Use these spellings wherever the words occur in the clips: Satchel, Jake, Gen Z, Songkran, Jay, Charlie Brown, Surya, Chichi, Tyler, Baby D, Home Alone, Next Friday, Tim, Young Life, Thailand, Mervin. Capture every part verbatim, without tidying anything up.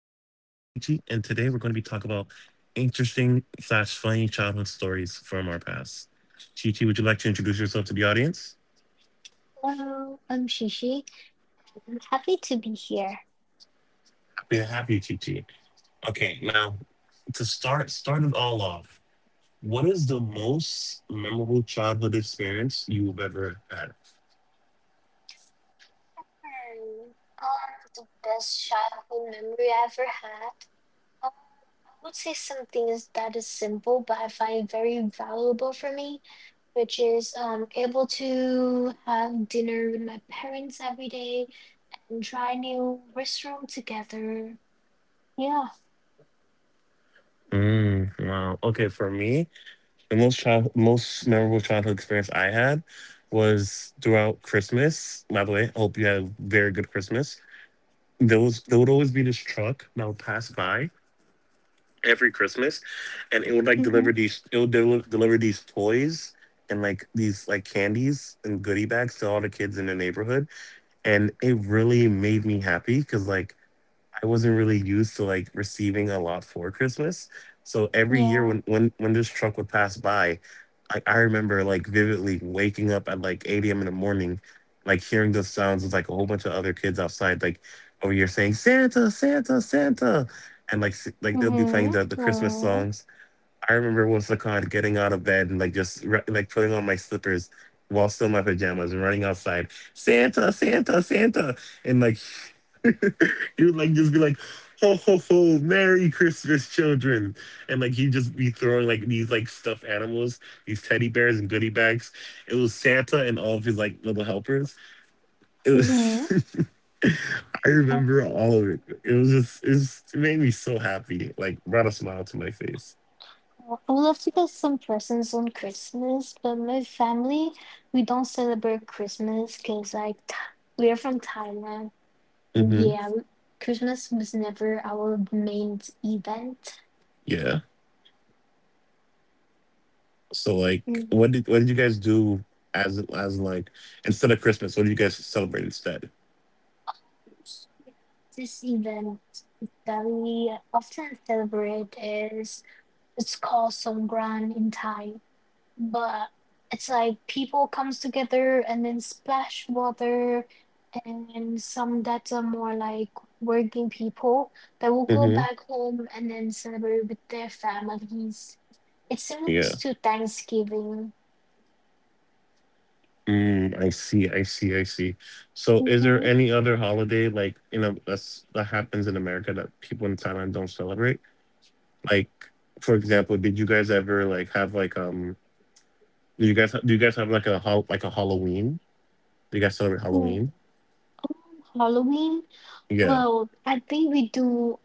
Chichi, and today we're going to be talking about interesting slash funny childhood stories from our past. Chichi, would you like to introduce yourself to the audience? Hello, I'm Shishi. I'm happy to be here. Happy to have you, Chichi. Okay, now to start start it all off, what is the most memorable childhood experience you've ever had? Hmm. Um, the best childhood memory I ever had. Um, I would say something is that is simple, but I find very valuable for me, which is um able to have dinner with my parents every day and try new restaurant together. Yeah. Mm, wow. Okay, for me, the most child most memorable childhood experience I had was throughout Christmas. By the way, I hope you had a very good Christmas there was There would always be this truck that would pass by every Christmas, and it would like Mhm. deliver these it would del- deliver these toys and like these like candies and goodie bags to all the kids in the neighborhood, and it really made me happy because like I wasn't really used to like receiving a lot for Christmas. So every Yeah. year when when when this truck would pass by, I, I remember like vividly waking up at like eight a m in the morning, like hearing those sounds with like a whole bunch of other kids outside, like over here saying Santa, Santa, Santa, and like s- like they'll be Mhm. playing the the Christmas Mm. songs. I remember once the con getting out of bed and like just re- like putting on my slippers while still in my pajamas and running outside, Santa, Santa, Santa, and like You would like just be like, ho ho ho, Merry Christmas, children. And like he'd just be throwing like these like stuffed animals, these teddy bears and goodie bags. It was Santa and all of his like little helpers. It Mhm. was I Oh. remember all of it. It was just it, was, it made me so happy. Like brought a smile to my face. Well, I would love to get some presents on Christmas, but my family, we don't celebrate Christmas because, like, Th- we are from Thailand. And hmm yeah, we- Christmas was never our main event. Yeah. So like Mm. what did what did you guys do as as like instead of Christmas, what did you guys celebrate instead? This event that we often celebrate is it's called Songkran in Thai. But it's like people comes together and then splash water, and some that are more like working people that will go hmm back home and then celebrate with their families. It's similar Yeah. to Thanksgiving. Mm, I see, I see, I see. So, is Hmm. there any other holiday like you know that's that happens in America that people in Thailand don't celebrate? Like, for example, did you guys ever like have like um? Do you guys do you guys have like a hol- like a Halloween? Do you guys celebrate Um, Halloween? Halloween, Yeah, well, I think we do,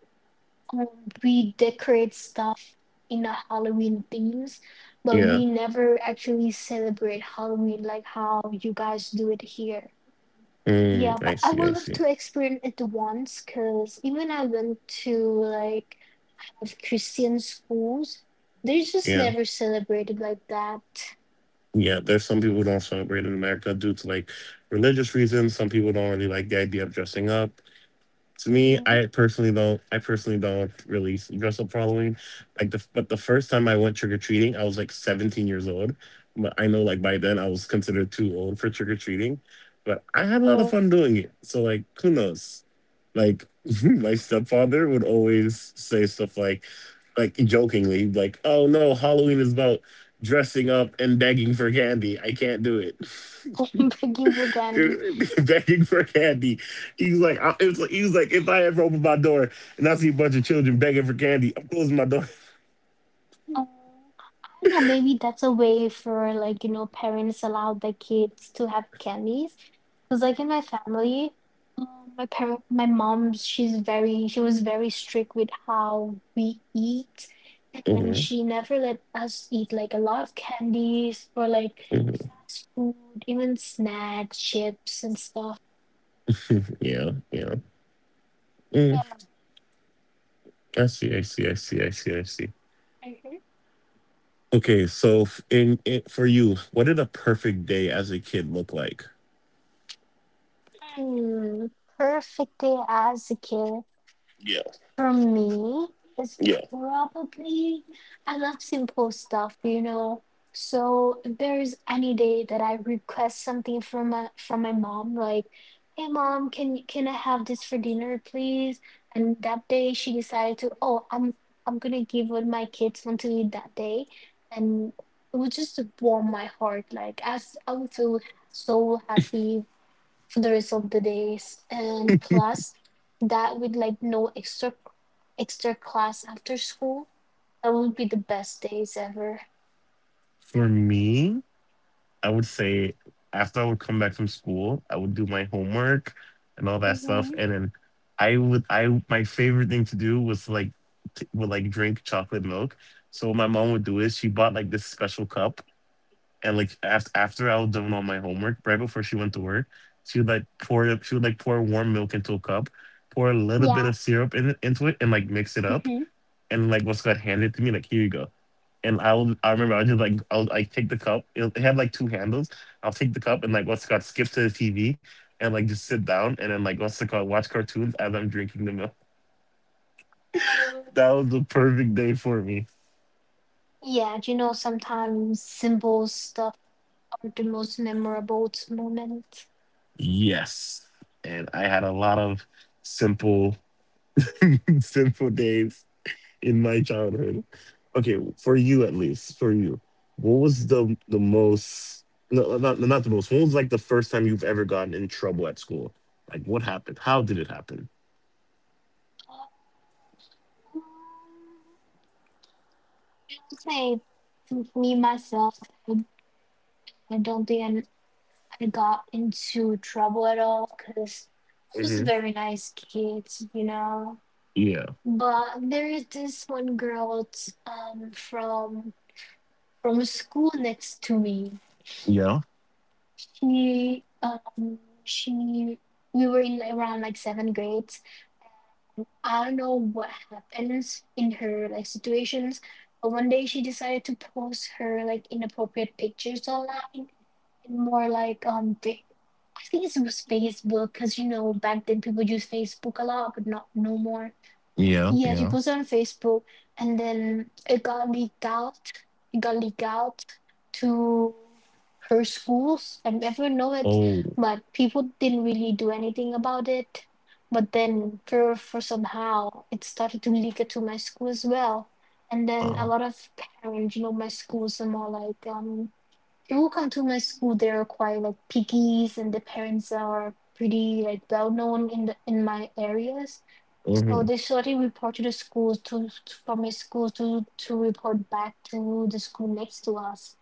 um, we decorate stuff in the Halloween themes, but we yeah. never actually celebrate Halloween like how you guys do it here. Yeah, Mm, but I I see, would I love see. to experience it once because even I went to like of Christian schools, they just Yeah, never celebrated like that. yeah. There's some people who don't celebrate in America due to like religious reasons. Some people don't really like the idea of dressing up to me, Mm-hmm. I personally don't. I personally don't really dress up for Halloween. Like the but the first time I went trick or treating, I was like seventeen years old. But I know like by then I was considered too old for trick or treating. But I had a lot of fun doing it. So like who knows? Like my stepfather would always say stuff like, like jokingly, like, "Oh no, Halloween is about dressing up and begging for candy. I can't do it." I'm begging for candy. Begging for candy. He's like, I, it was like, he was like, if I ever open my door and I see a bunch of children begging for candy, I'm closing my door. Oh, I don't know, maybe that's a way for, like, you know, parents allow their kids to have candies. Because like in my family, um, my parent, my mom, she's very, she was very strict with how we eat, and hmm she never let us eat like a lot of candies or like fast food, even snacks, chips and stuff. Yeah, yeah. Yeah. Mm, I see, I see, I see, I see, I see. Mhm. Okay, so f- in, in for you, what did a perfect day as a kid look like? Mm. Perfect day as a kid. Yeah, For me, it's yeah. probably I love simple stuff, you know. So if there's any day that I request something from my from my mom, like, "Hey mom, can can I have this for dinner, please?" And that day she decided to, "Oh, I'm I'm gonna give what my kids want to eat that day," and it would just warm my heart. Like, as I would feel so happy for the rest of the days, and plus that with like no extra extra class after school, that would be the best days ever. For me? I would say after I would come back from school, I would do my homework and all that stuff, Hmm. and then I would I my favorite thing to do was like t- would like drink chocolate milk. So what my mom would do is she bought like this special cup, and like after after I was done all my homework, right before she went to work, she would like pour it. She would like pour warm milk into a cup, pour a little bit Yeah. of syrup in, into it, and like mix it up, Hmm. and like what's got handed to me, like here you go and I would I remember I would just like I would like take the cup. It, it had like two handles. I'll take the cup and like what's it called skip to the T V and like just sit down and then like what's it called watch cartoons as I'm drinking the milk. um, That was the perfect day for me. yeah, you know sometimes simple stuff are the most memorable moments. Yes, and I had a lot of simple simple days in my childhood. Okay, for you at least for you, what was the the most no no, not not the most. What was like the first time you've ever gotten in trouble at school? Like what happened? How did it happen? Um, I would say m- me myself, I, I don't think I'm, I got into trouble at all because I was a Mhm. very nice kid, you know. Yeah, But there is this one girl t- um from from school next to me. yeah, She um she, we were in like, around like seventh grades. I don't know what happens in her like situations, but one day she decided to post her like inappropriate pictures online and more like um fa- I think it was Facebook because you know back then people use Facebook a lot, but not no more. yeah, Yeah, she yeah. posted on Facebook, and then it got leaked out. It got leaked out to her schools, and everyone know it, Oh, but people didn't really do anything about it. But then, for for somehow, it started to leak it to my school as well, and then a wow. lot of parents, you know, my schools are more like um who come to my school they're quite like piggies, and the parents are pretty like well known in the in my areas, so hmm they sort of report to the schools to, to from my school to to report back to the school next to us.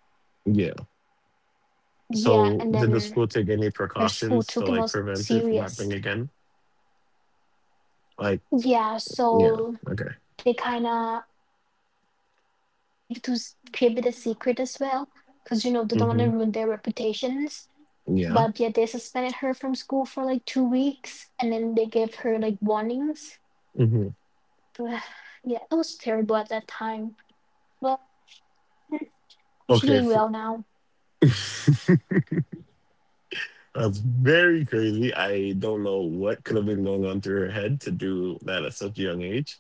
Yeah. Yeah, and then So, did the their school school take any took it more precautions to serious, like prevent it from happening again? yeah, Like, so yeah. they Okay. kind of, I don't know, they're trying to keep it to s- keep it a secret as well because you know they don't want to ruin their hmm reputations. But yet they suspended Yeah. her from school for like two weeks and then they gave her like warnings. hmm Yeah, it was terrible at that time. But she's doing Okay. well For, now. That's very crazy. I don't know what could have been going on through her head to do that at such a young age,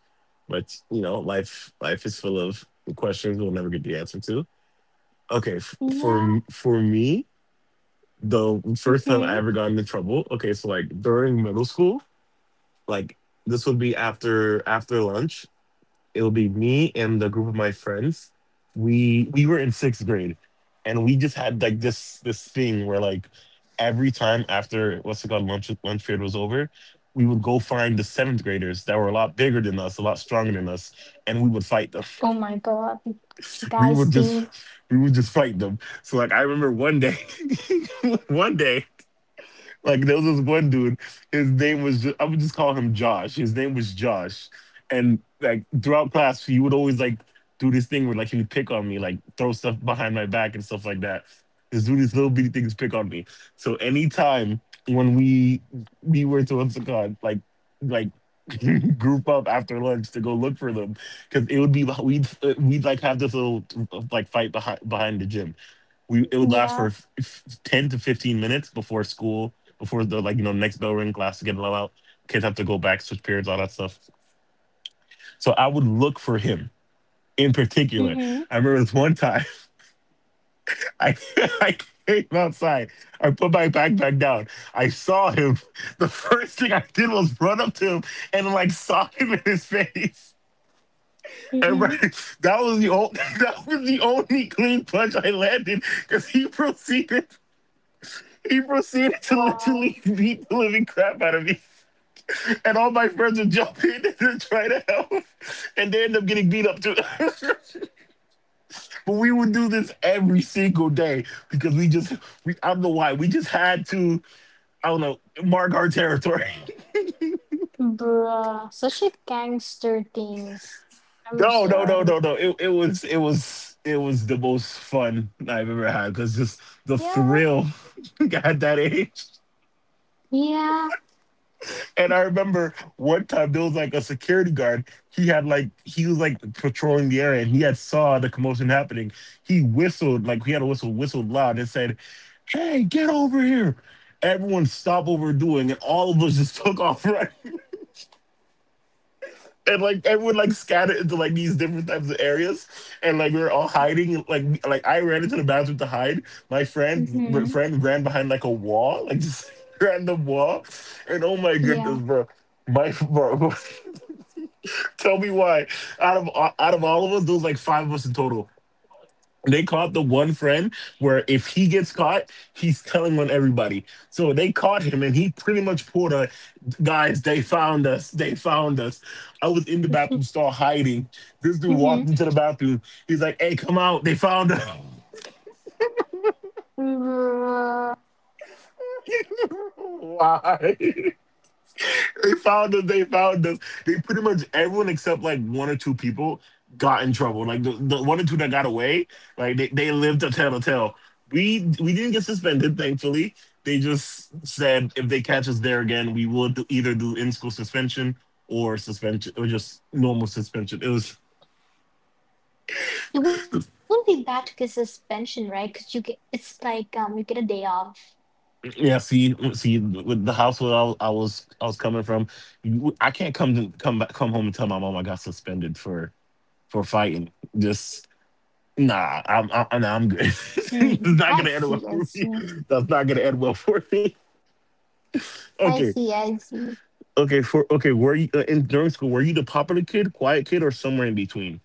but you know, life life is full of questions we'll never get the answer to. Okay. F- for Yeah. M- for me, the first time Mm-hmm. I ever got into trouble. Okay, so like during middle school, like this would be after after lunch. It'll be me and the group of my friends. We we were in sixth grade, and we just had like this this thing where like every time after what's it called lunch lunch period was over, we would go find the seventh graders that were a lot bigger than us, a lot stronger than us, and we would fight them. Oh my god. We Guys would just thing. we would just fight them. So like I remember one day, one day. Like there was this one dude. His name was ju- I would just call him Josh. His name was Josh, and like throughout class, he would always like do this thing where like he would pick on me, like throw stuff behind my back and stuff like that. Just do these little bitty things, pick on me. So anytime when we we were to what's it called, like like group up after lunch to go look for them because it would be we'd we'd like have this little like fight behind behind the gym. We it would last Yeah. for f- f- ten to fifteen minutes before school, before the like you know next bell ring class to get let out, kids have to go back switch periods all that stuff. So I would look for him in particular. Mm-hmm. I remember this one time, I I came outside. I put my backpack down. I saw him. The first thing I did was run up to him and like sock him in his face. And Mm-hmm. right, that was the only that was the only clean punch I landed because he proceeded he proceeded to Wow. literally beat the living crap out of me. And all my friends would jump in and try to help. And they end up getting beat up too. But we would do this every single day because we just, we, I don't know why, we just had to, I don't know, mark our territory. Bruh. Such a gangster things. I'm No, no, no, sorry. no, no. It, it was, it was, it was the most fun I've ever had because just the Yeah. thrill at that age. Yeah. And I remember one time there was like a security guard. He had like he was like patrolling the area, and he had saw the commotion happening. He whistled like he had a whistle, whistled loud, and said, "Hey, get over here!" Everyone stopped what we're doing, and all of us just took off running. And like everyone like scattered into like these different types of areas, and like we were all hiding. Like like I ran into the bathroom to hide. My friend Mm-hmm. friend ran behind like a wall, like just random wall. And oh my goodness, Yeah. bro. My bro, tell me why. Out of out of all of us, there was like five of us in total. They caught the one friend where if he gets caught, he's telling on everybody. So they caught him and he pretty much pulled a guys, they found us. They found us. I was in the Mm-hmm. bathroom stall hiding. This dude walked Mm-hmm. into the bathroom. He's like, hey, come out. They found us. Bruh. Why? They found us. They found us. They pretty much everyone except like one or two people got in trouble. Like the, the one or two that got away, like they, they lived to tell the tale. We we didn't get suspended, thankfully. They just said if they catch us there again, we will do, either do in school suspension or suspension or just normal suspension. It was It wouldn't be bad to get suspension, right? Because you get it's like um you get a day off. yeah. See see with the household where I, was- I was I was coming from, you- I can't come to, come back come home and tell my mom I got suspended for for fighting. Just. Nah, I'm I'm, nah, I'm good. It's Hmm. not gonna end I well for see. I me. see. That's not gonna end well for me. Okay, I see. I see. okay, for okay. Were you uh, in during school? Were you the popular kid, quiet kid, or somewhere in between?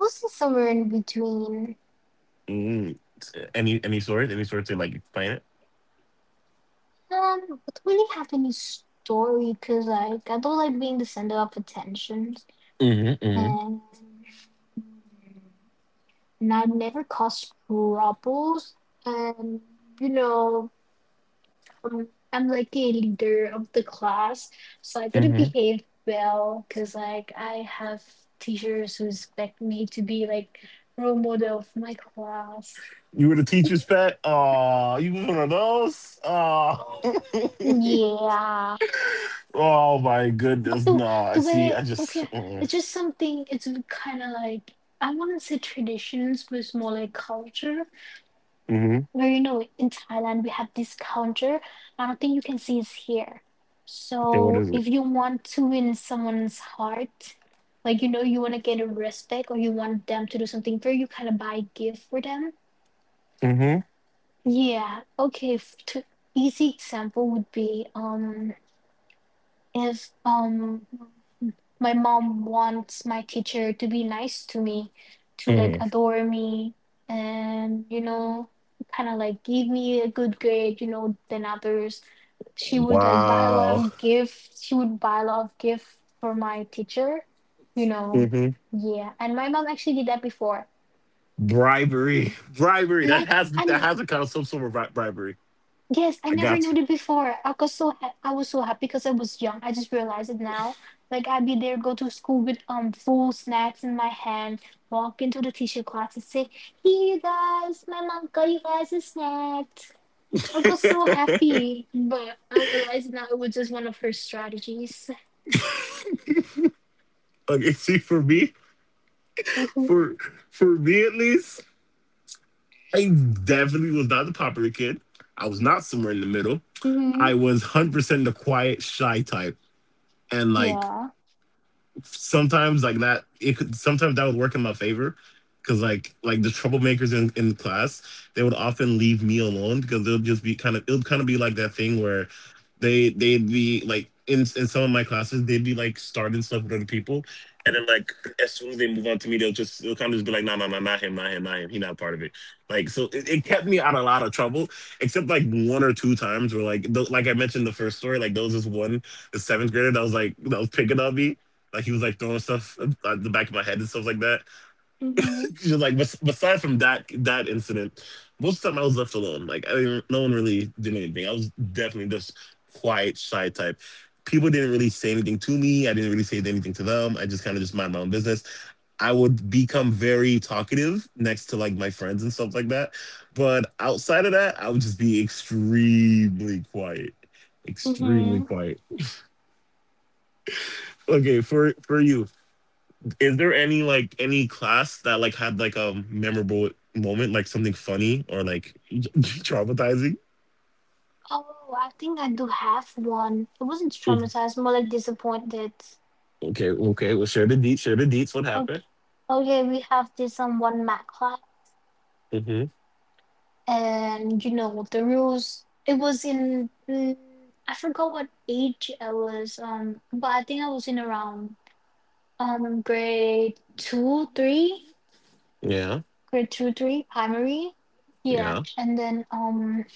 Also somewhere in between. Mm. Any any sort, any sort to like explain it. Um, I don't really have any story because like I don't like being the center of attention, Mm-hmm, mm-hmm, and hmm, and I never caused troubles, and you know. Um, I'm like a leader of the class, so I gotta mm-hmm. behave well because like I have teachers who expect me to be like role model of my class. You were the teacher's pet. Oh, you was one of those. Oh, Yeah, oh my goodness. the Nah, I the see. I way okay, just mm. it's just something. It's kind of like I wouldn't say traditions, but it's more like culture. Where you know in Thailand we have this counter. I don't think you can see it's here. Okay. What So is if it? you want to win someone's heart, like you know you want to get a respect or you want them to do something for you, kind of buy a gift for them. Yeah. Okay. F- to, easy example would be um if um my mom wants my teacher to be nice to me, to like hmm adore me, and you know kind of like give me a good grade, you know, than others, she would like buy a lot Wow. of gifts she would buy a lot of gifts for my teacher, you know. Yeah, and my mom actually did that before. Bribery, bribery. And That I has that and has a kind of some sort of bri- bribery. Yes, I I never knew got you. it before. I was so ha- I was so happy because I was young. I just realized it now. Like I'd be there, go to school with um full snacks in my hand, walk into the teacher class and say, "Here, guys, my mom got you guys a snack." I was so happy, but I realized now it was just one of her strategies. Okay, see, for me, Mhm. for for me at least, I definitely was not the popular kid. I was not somewhere in the middle. I Mhm. was one hundred percent the quiet, shy type, and like Yeah. sometimes like that it could sometimes that would work in my favor because like like the troublemakers in in class they would often leave me alone because they'll just be kind of it'll kind of be like that thing where they they'd be like in in some of my classes they'd be like starting stuff with other people and then like as soon as they move on to me they'll just they'll kind of just be like no no no not him not him not him he's not part of it like so it, it kept me out of a lot of trouble except like one or two times where like th- like I mentioned the first story like there was this one the seventh grader that was like that was picking on me like he was like throwing stuff at the back of my head and stuff like that. Mhm. Just like bes- aside from that that incident, most of the time I was left alone. Like I didn't, no one really did anything. I was definitely just quiet, shy type. People didn't really say anything to me. I didn't really say anything to them. I just kind of just mind my own business. I would become very talkative next to like my friends and stuff like that. But outside of that, I would just be extremely quiet. Extremely Mhm. quiet. Okay, for for you, is there any like any class that like had like a memorable moment, like something funny or like traumatizing? Oh, I think I do have one. It wasn't Mhm. traumatized, more like disappointed. Okay, okay. Well, share the deets. Share the deets. What happened? Okay, okay, we have this on one math class, hmm and you know the rules. It was in mm, I forgot what age I was, um, but I think I was in around um grade two, three, Yeah, grade two, three, primary. Yeah, yeah, and then um,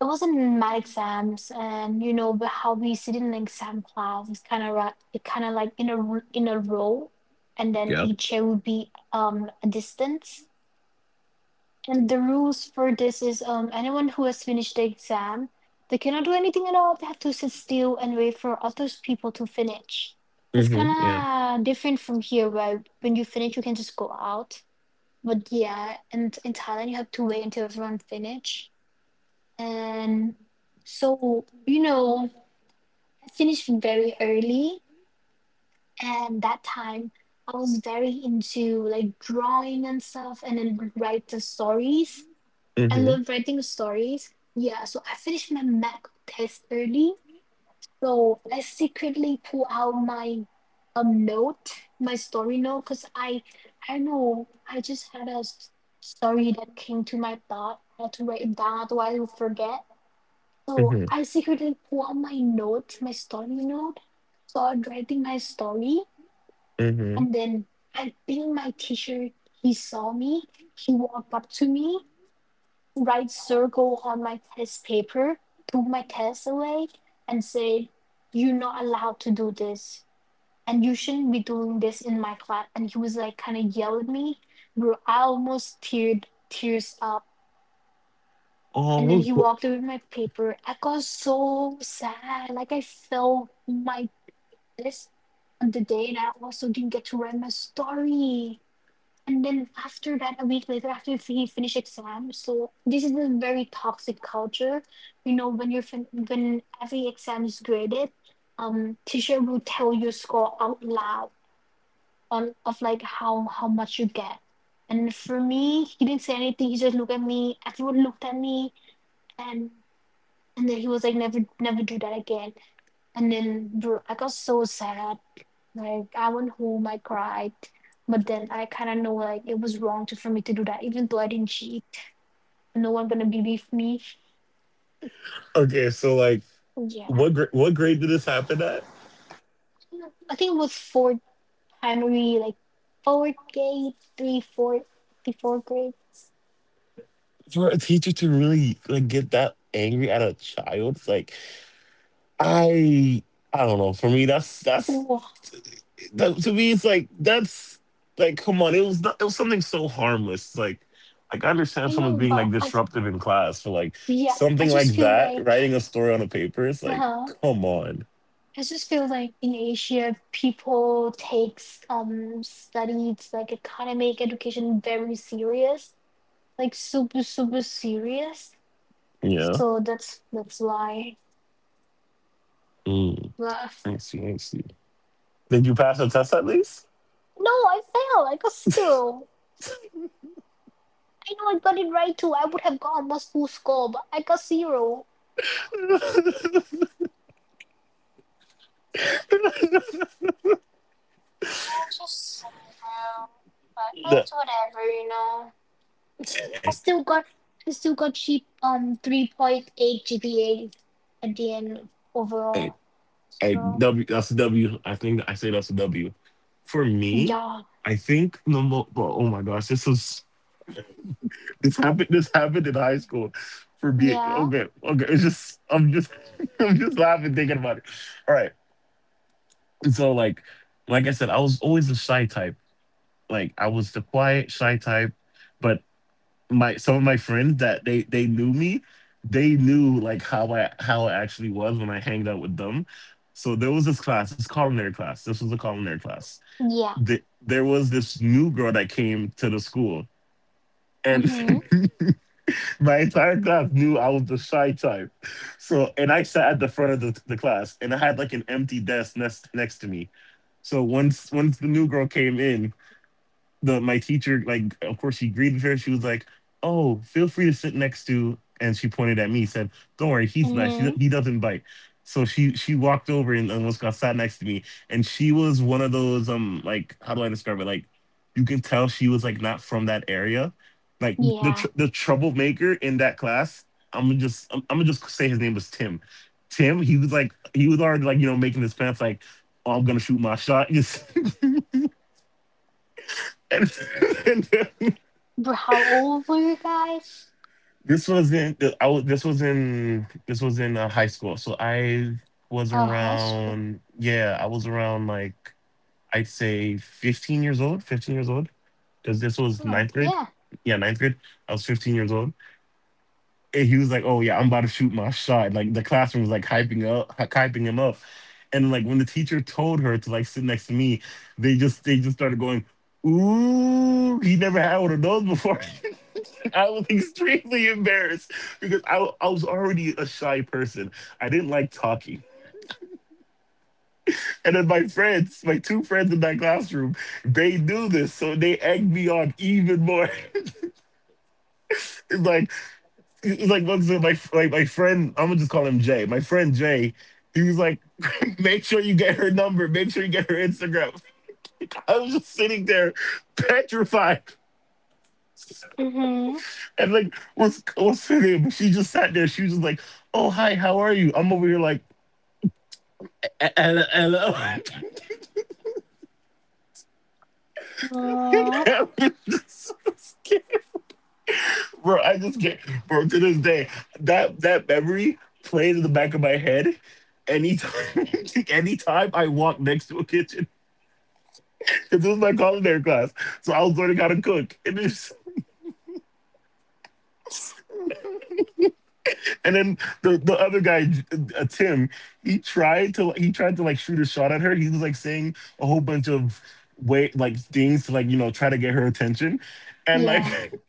it wasn't in my exams, and you know, but how we sit in an exam class is kind of right. It kind of like in a r- in a row, and then yep. each year would be um a distance. And the rules for this is um, anyone who has finished the exam, they cannot do anything at all. They have to sit still and wait for other people to finish. It's hmm Yeah. kind of different from here, where when you finish, you can just go out. But yeah, and in Thailand, you have to wait until everyone finish. And so, you know, I finished very early, and that time I was very into like drawing and stuff, and then write the stories. I hmm love writing stories. Yeah, so I finished my medical test early. So I secretly pull out my um note, my story note, because I I don't know, I just had a s- story that came to my thought. I had to write it down, otherwise I'll forget. So hmm I secretly pull out my note, my story note, started writing my story, hmm and then I think my teacher he saw me. He walked up to me. Write circle on my test paper, took my test away, and said, "You're not allowed to do this. And you shouldn't be doing this in my class." And he was like, kind of yelled at me. Bro, I almost teared tears up. And then he walked away with my paper. I got so sad. Like, I felt my this on the day, and I also didn't get to write my story. And then after that, a week later, after he finish exam, so this is a very toxic culture. You know, when you're fin- when every exam is graded, um, teacher will tell you score out loud on of like how how much you get. And for me, he didn't say anything. He just looked at me. Everyone looked at me, and and then he was like, "Never, never do that again." And then, bro, I got so sad. Like I went home, I cried, but then I kind of know like it was wrong to, for me to do that, even though I didn't cheat. No one gonna believe me. Okay, so like, Yeah, what gra- what grade did this happen at? I think it was fourth primary, like fourth grade, three four, three, four, three, four grades. For a teacher to really like get that angry at a child, it's like I I don't know. For me, that's that's Oh, that to me it's like that's like come on it was not, it was something so harmless. It's like like I I understand someone's know, being like but I, disruptive in class for like yeah, I something just like feel that, like, writing a story on a paper, it's uh, like huh. come on I just feel like in Asia, people takes um studies like academic education very serious, like super super serious. yeah So that's that's why. mm, Ugh. I see I see. Did you pass the test at least? No, I failed. I got zero. I know I got it right too. I would have gotten much full score, but I got zero. Yeah, just zero. But well, The- it's whatever, you know. I still got I still got cheap um three point eight G P A at the end Hey, overall. hey, So W that's a W, I think I say that's a W for me. yeah. I think no. Mo- well, oh my gosh, this was This happened. This happened in high school. For me, Yeah. okay, okay. It's just I'm just I'm just laughing thinking about it. All right. And so like like I said, I was always a shy type. Like I was the quiet shy type, but my some of my friends that they they knew me, they knew like how I how I actually was when I hanged out with them. So there was this class, this culinary class. This was a culinary class. Yeah. The, there was this new girl that came to the school, and Mm-hmm. my entire class knew I was the shy type. So, and I sat at the front of the, the class, and I had like an empty desk next next to me. So once once the new girl came in, the my teacher like of course she agreed with her, she was like, "Oh, feel free to sit next to," and she pointed at me, said, "Don't worry, he's nice, he, Mm-hmm. he doesn't bite." So she she walked over and almost got sat next to me, and she was one of those um like, how do I describe it, like, you can tell she was like not from that area, like the tr- Yeah. the troublemaker in that class. I'm gonna just i'm, I'm gonna just say his name was Tim. Tim, he was like, he was already like, you know, making his pants like, "Oh, I'm gonna shoot my shot." Just and Bro, how old were you guys? this was in th- I was this was in this was in uh, high school. So I was Oh, high school. around, yeah, I was around like, I'd say fifteen years old, fifteen years old, cuz this was Oh, ninth grade. yeah. Yeah, ninth grade. I was fifteen years old. And he was like, "Oh yeah, I'm about to shoot my shot." Like the classroom was like hyping up hy- hyping him up. And like when the teacher told her to like sit next to me, they just they just started going, "Ooh, he never had one of those before." I was extremely embarrassed because I, I was already a shy person. I didn't like talking. And then my friends, my two friends in that classroom, they knew this, so they egged me on even more. It's like it's like what's it, my like my friend, I'm gonna just call him Jay. My friend Jay, he was like, "Make sure you get her number, make sure you get her Instagram." I was just sitting there petrified. Mm-hmm. And like what's what's her name? She just sat there, she was just like, "Oh hi, how are you?" I'm over here like, "Hello." Aw, Bro, I just can't. Bro, to this day, that that memory plays in the back of my head. Anytime, anytime I walk next to a kitchen, because this was my culinary class, so I was learning how to cook. And it's, and then the the other guy, uh, Tim, he tried to, he tried to like shoot a shot at her. He was like saying a whole bunch of way like things to like you know try to get her attention, and like. yeah,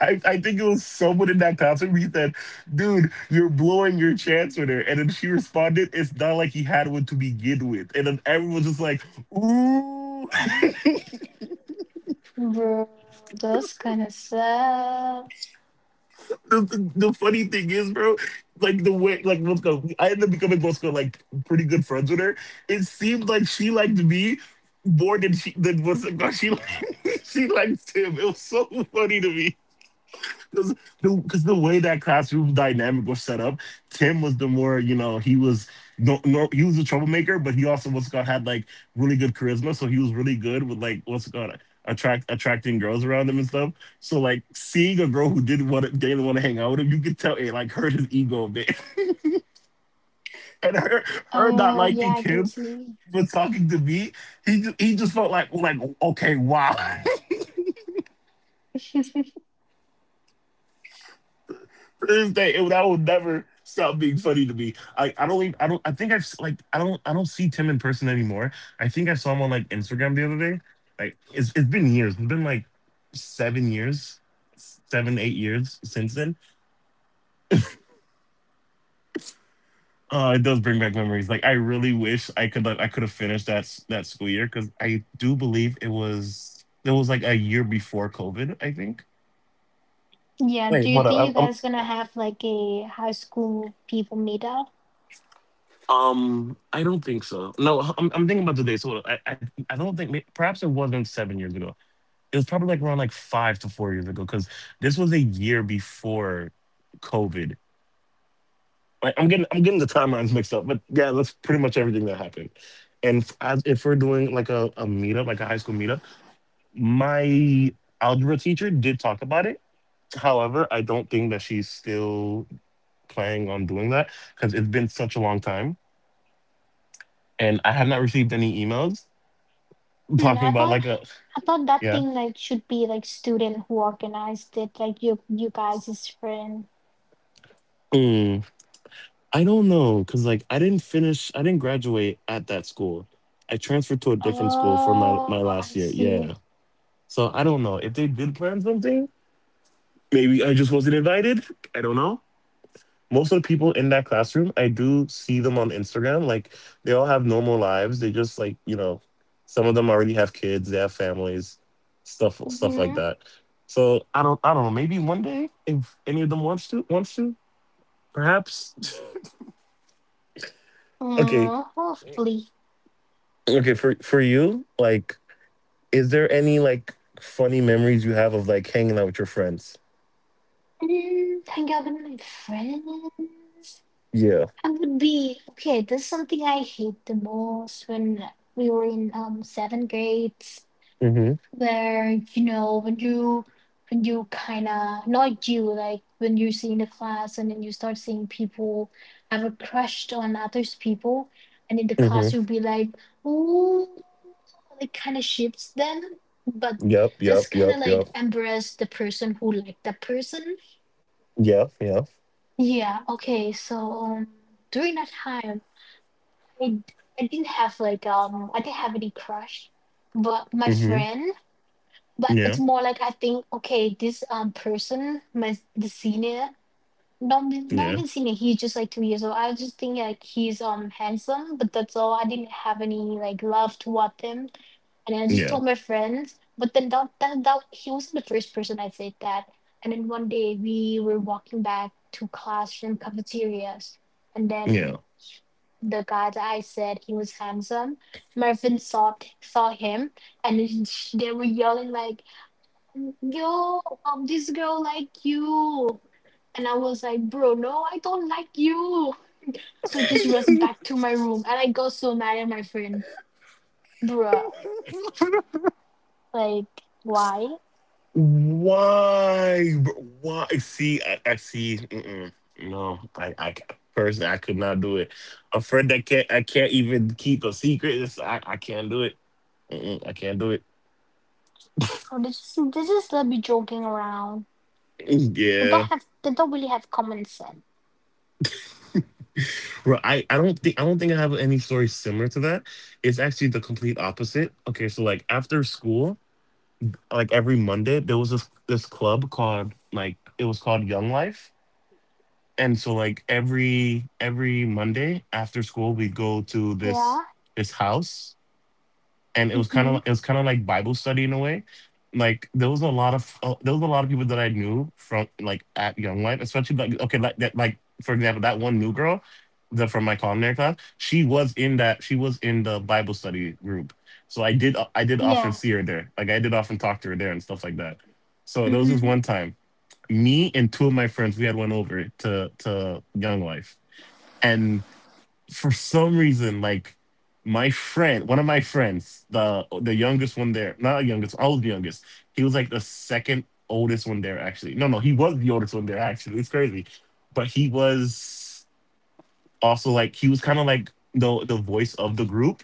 I, I think it was someone in that concert. He said, "Dude, you're blowing your chance with her," and then she responded, "It's not like he had one to begin with." And then everyone's just like, "Ooh." bro, that's kind of sad. The, the, the funny thing is, bro, like the way, like let I ended up becoming let like pretty good friends with her. It seemed like she liked me more than she than was she liked, she liked him. It was so funny to me. Because the, 'cause the way that classroom dynamic was set up, Tim was the more, you know, he was no, no he was a troublemaker, but he also was got had like really good charisma, so he was really good with like what's it called, attract attracting girls around him and stuff. So like seeing a girl who didn't want to didn't want to hang out with him, you could tell it like hurt his ego a bit, and her her not Oh, yeah, liking I can Kim see. but talking to me, he just, he just felt like like okay wow. To this day, it, that will never stop being funny to me. I, I don't even, I don't I think I've s- like I don't I don't see Tim in person anymore. I think I saw him on like Instagram the other day. Like it's it's been years. It's been like seven years, seven eight years since then. Uh, it does bring back memories. Like I really wish I could like I could have finished that s- that school year because I do believe it was it was like a year before COVID. I think. Yeah, do Wait, you hold think you up. guys gonna have like a high school people meetup? Um, I don't think so. No, I'm, I'm thinking about the dates. Hold on. I, I, I don't think, may- perhaps it wasn't seven years ago. It was probably like around like five to four years ago because this was a year before COVID. I, I'm getting, I'm getting the timelines mixed up, but yeah, that's pretty much everything that happened. And f- as, if we're doing like a, a meetup, like a high school meetup, my algebra teacher did talk about it. However, I don't think that she's still planning on doing that because it's been such a long time and I have not received any emails Hmm, talking I about thought like a I thought that yeah. thing like should be like student who organized it, like you you guys is friend. Mm, I don't know, cause like I didn't finish, I didn't graduate at that school. I transferred to a different school for my my Oh, last I year. see. Yeah, so I don't know if they did plan something. Maybe I just wasn't invited. I don't know. Most of the people in that classroom, I do see them on Instagram. Like they all have normal lives. They just like you know, some of them already have kids. They have families, stuff stuff like Mm-hmm. that. So I don't I don't know. Maybe one day if any of them wants to wants to perhaps. Okay, Oh, hopefully. okay. For for you, like, is there any like funny memories you have of like hanging out with your friends? Mm, hang out with my friends. Yeah. I would be okay. This is something I hate the most when we were in um seventh grades, Mm-hmm. where you know when you when you kind of not you like when you're seeing the class and then you start seeing people have a crush on others people, and in the Mm-hmm. class you'll be like, ooh, like kind of ships them, but Yep. Yep. that's Yep. kind of Yep. like embarrass the person who liked that person. Yeah. Yeah. Yeah. Okay. So um, during that time. I I d- I didn't have like um I didn't have any crush, but my Mm-hmm. friend. But Yeah. it's more like I think okay, this um person, my the senior not Yeah. not even seen it. He's just like two years old. I was just thinking like he's um handsome, but that's all. I didn't have any like love toward him, and I Yeah. just told my friends. But then that that, that he wasn't the first person I said that. And then one day we were walking back to class from cafeterias, and Yeah. then the guy that I said he was handsome, Mervin saw saw him, and then sh- they were yelling like, "Yo, um, this girl like you." And I was like, bro, no, I don't like you. So I just rushed back to my room and I got so mad at my friends. Bruh, like, why? Why, bro? Why? See, I, I see. Mm-mm. No, I, I ca- personally, I could not do it. A friend that can't, I can't even keep a secret. It's, I, I can't do it. Mm-mm, I can't do it. Oh, they just, they just let me joking around. They don't Yeah. have, they don't really have common sense. Bro, I, I don't think I don't think I have any story similar to that. It's actually the complete opposite. Okay, so like after school, like every Monday, there was this this club called like it was called Young Life. And so like every every Monday after school we go to Yeah. this this house and it was kind Mm-hmm. of it was kind of like Bible study in a way. Like there was a lot of uh, there was a lot of people that I knew from like at Young Life, especially like okay like that like for example that one new girl that from my culinary class she was in that she was in the Bible study group, so I did I did often Yeah. see her there like I did often talk to her there and stuff like that. So there was this Mm-hmm. one time me and two of my friends we had went over to to Young Life for some reason, like my friend, one of my friends, the the youngest one there, not youngest, I was the youngest. He was like the second oldest one there, actually. No, no, he was the oldest one there, actually. It's crazy, but he was also like he was kind of like the the voice of the group.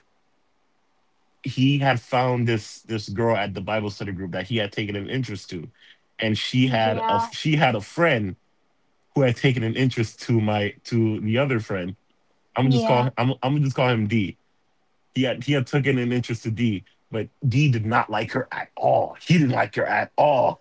He had found this this girl at the Bible study group that he had taken an interest to, and she had a Yeah. she had a friend who had taken an interest to my to the other friend. I'm gonna just Yeah. call I'm I'm gonna just call him D. He had he had taken an interest to D, but D did not like her at all. He didn't like her at all.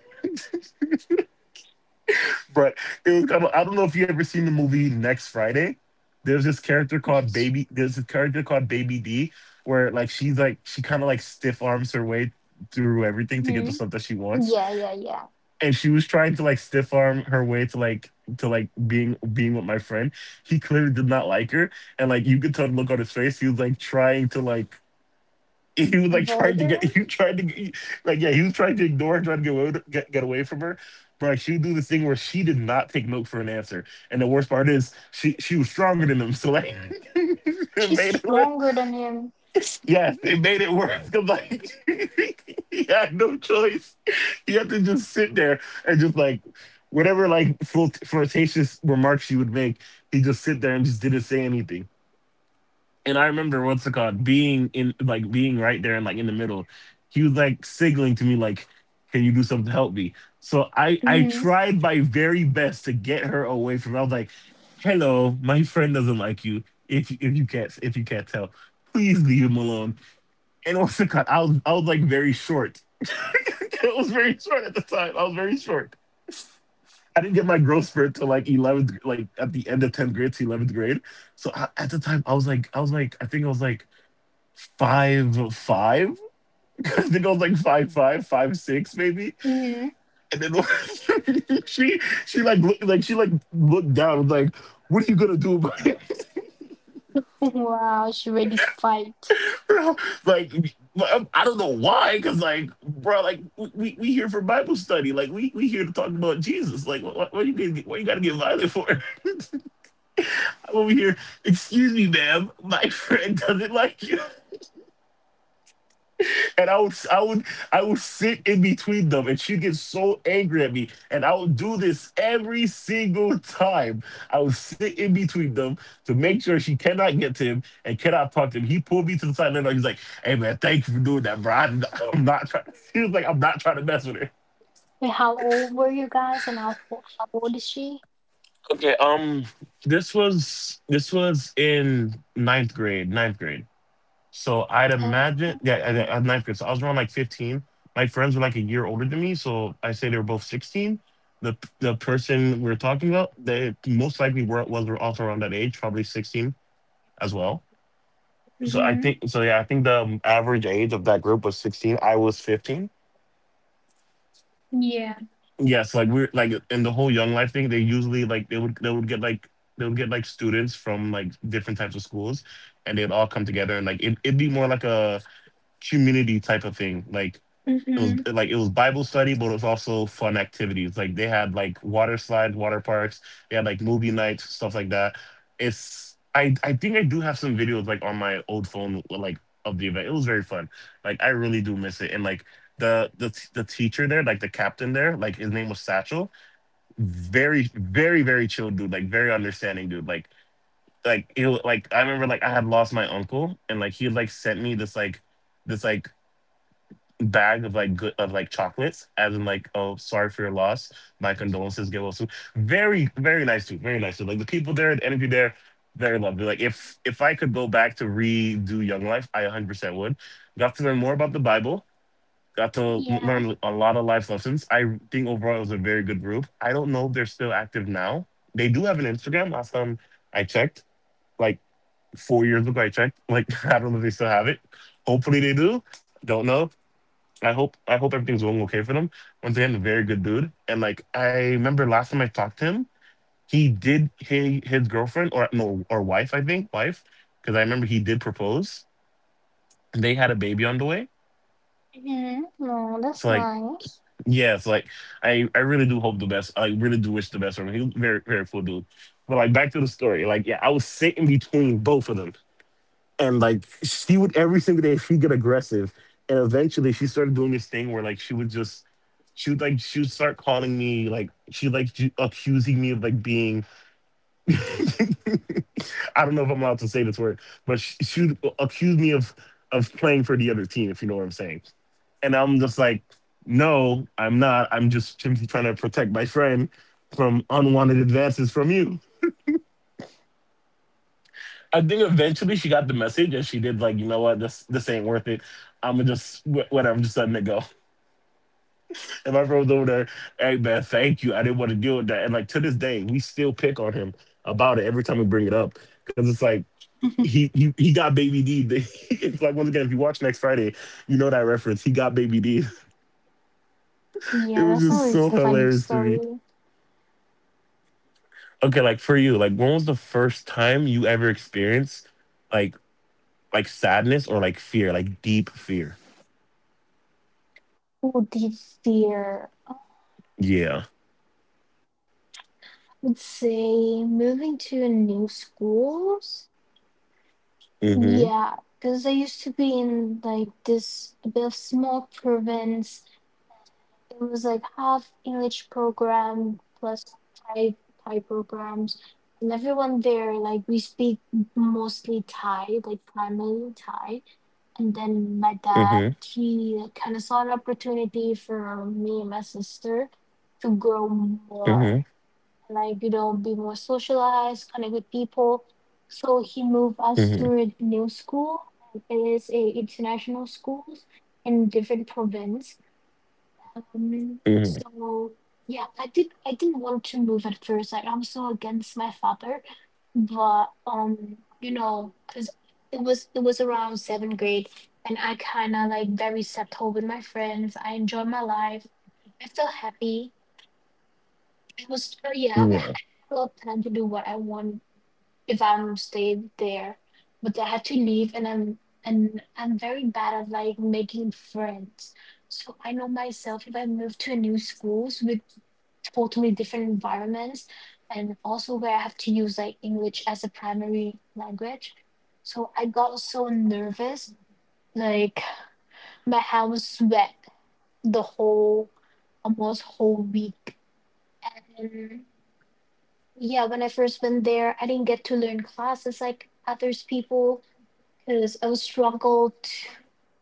But it was kind of, I don't know if you ever seen the movie Next Friday. There's this character called Next. Baby. There's this character called Baby D, where like she's like she kind of like stiff arms her way through everything to get the Mm-hmm. stuff that she wants, Yeah, yeah, yeah. and she was trying to like stiff arm her way to like to like being being with my friend. He clearly did not like her, and like you could tell the look on his face. He was like trying to like he was like trying Avoid to get her. he tried to get, like yeah he was trying to ignore her trying to get away with- get, get away from her but like she would do this thing where she did not take no for an answer and the worst part is she she was stronger than him so like it She's made it worse stronger than him. yes it made it worse 'cause, like he had no choice he had to just sit there and just like whatever like flirt- flirtatious remarks she would make he just sit there and just didn't say anything and I remember what's it called being in like being right there and like in the middle. He was like signaling to me like, "Can you do something to help me?" So I I Mm-hmm. tried my very best to get her away from. I was like, "Hello, my friend doesn't like you. If if you can't if you can't tell, please leave him alone." And what's it called? I was I was like very short. It was very short at the time. I was very short. I didn't get my growth spurt till like eleventh, like at the end of tenth grade to eleventh grade. So I, at the time, I was like, I was like, I think I was like five five because the girl's like five five five six maybe Mm-hmm. and then she she like looked like she like looked down and was like what are you gonna do about it Wow, she's ready to fight. bro? Like um, I don't know why because like bro like we, we we here for Bible study like we we here to talk about Jesus like what, what, you gonna, what you gotta get violent for? I'm over here. Excuse me ma'am, my friend doesn't like you. And I would, I would, I would sit in between them, and she'd get so angry at me. And I would do this every single time. I would sit in between them to make sure she cannot get to him and cannot talk to him. He pulled me to the side, and he's like, "Hey man, thank you for doing that, bro. I'm not, I'm not trying." He was like, "I'm not trying to mess with her." Wait, how old were you guys, and how fo- how old is she? Okay, um, this was this was in ninth grade, ninth grade. So I'd Uh, imagine, yeah, I- I- am ninth grade. So I was around like fifteen. My friends were like a year older than me, so I say they were both sixteen. The the person we are talking about, they most likely were was were also around that age, probably sixteen as well. So I think, mm-hmm. so yeah, I think the average age of that group was sixteen. I was fifteen. Yeah. Yes, like we're like in the whole Young Life thing. They usually like they would they would get like they would get like students from like different types of schools, and they'd all come together and like it, it'd be more like a community type of thing. Like it was Mm-hmm. like it was Bible study, but it was also fun activities. Like they had like water slides, water parks. They had like movie nights, stuff like that. It's I I think I do have some videos like on my old phone like of the event. It was very fun. Like I really do miss it. And like the the the teacher there, like the captain there, like his name was Satchel. Very very very chill dude. Like very understanding dude. Like like it like I remember like I had lost my uncle and like he like sent me this like this like bag of like good of like chocolates, as in like, oh, sorry for your loss. My condolences. Get well soon. Very, very nice dude. Very nice dude. Like the people there, the energy there, very lovely. Like if if I could go back to redo Young Life, I one hundred percent would. Got to learn more about the Bible. Got to Yeah. learn a lot of life lessons. I think overall it was a very good group. I don't know if they're still active now. They do have an Instagram. Last time I checked, like four years ago, I checked. Like I don't know if they still have it. Hopefully they do. Don't know, I hope I hope everything's going okay for them. Once again, a very good dude. And like I remember last time I talked to him, he did he, his girlfriend or no or wife, I think, wife, because I remember he did propose. They had a baby on the way. Mm-hmm. Oh, So that's like nice. yeah, so like I I really do hope the best. I really do wish the best for him. He's a very very cool dude. But like back to the story, like yeah, I was sitting between both of them. And like she would every single day she'd get aggressive and eventually she started doing this thing where like she would just she would like she would start calling me like she like ju- accusing me of like being I don't know if I'm allowed to say this word but she, she would accuse me of of playing for the other team if you know what I'm saying. And I'm just like no I'm not I'm just simply trying to protect my friend from unwanted advances from you. I think eventually she got the message and she did like, you know what, this this ain't worth it. I'm gonna just wh- whatever, just letting it go. And my friend was over there, hey man, thank you. I didn't want to deal with that. And like to this day, we still pick on him about it every time we bring it up because it's like he he he got baby D. It's like once again, if you watch next Friday, you know that reference. He got baby D. It Yeah, was that's just so always a funny hilarious to story. me. Okay, like for you, like when was the first time you ever experienced like like sadness or like fear, like deep fear? Oh dear. Yeah. I would say moving to a new schools. Hmm. Yeah, because I used to be in like this a bit of small province, it was like half English program plus Thai Thai programs, and everyone there like we speak mostly Thai, like primarily Thai. And Mm-hmm. then my dad he kind of saw an opportunity for me and my sister to grow Mm-hmm. more and like you know be more socialized, connect with people. So he Mm-hmm. moved us to a new school. It is a international school in different province, Mm-hmm. um, so yeah, I did I didn't want to move at first. Like I'm so against my father, but um, you know, cause it was it was around seventh grade, and I kind of like very settled with my friends. I enjoyed my life. I felt happy. I was uh, Yeah. yeah, I wa- I had a lot of time to do what I want if I'm stayed there. But I had to leave and I'm and I'm very bad at like making friends. So I know myself if I move to a new schools with totally different environments and also where I have to use like English as a primary language. So I got so nervous, like my hand was sweat the whole almost whole week. And yeah, when I first went there, I didn't get to learn classes like others people because I was struggled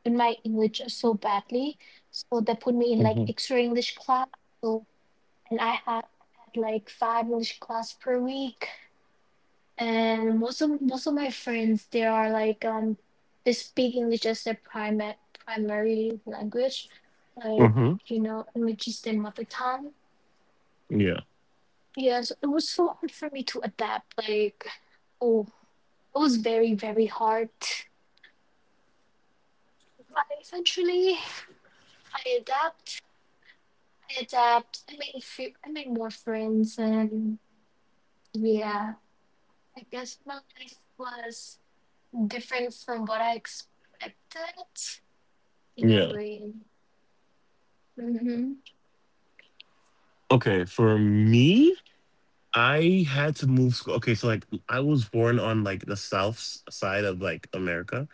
in my English so badly. So they put me in Mm-hmm. like extra English class. So and I had, had like five English class per week. And most of most of my friends they are like um they speak English as their primary primary language, like Mm-hmm. you know English is their mother tongue. Yeah. Yeah, so it was so hard for me to adapt. Like oh, it was very very hard. But eventually I adapt adapt. I made few, I made more friends, and yeah, I guess my life was different from what I expected in a Yeah. way. Mm-hmm. Okay. For me, I had to move school. Okay, so like I was born on like the south s- side of like America,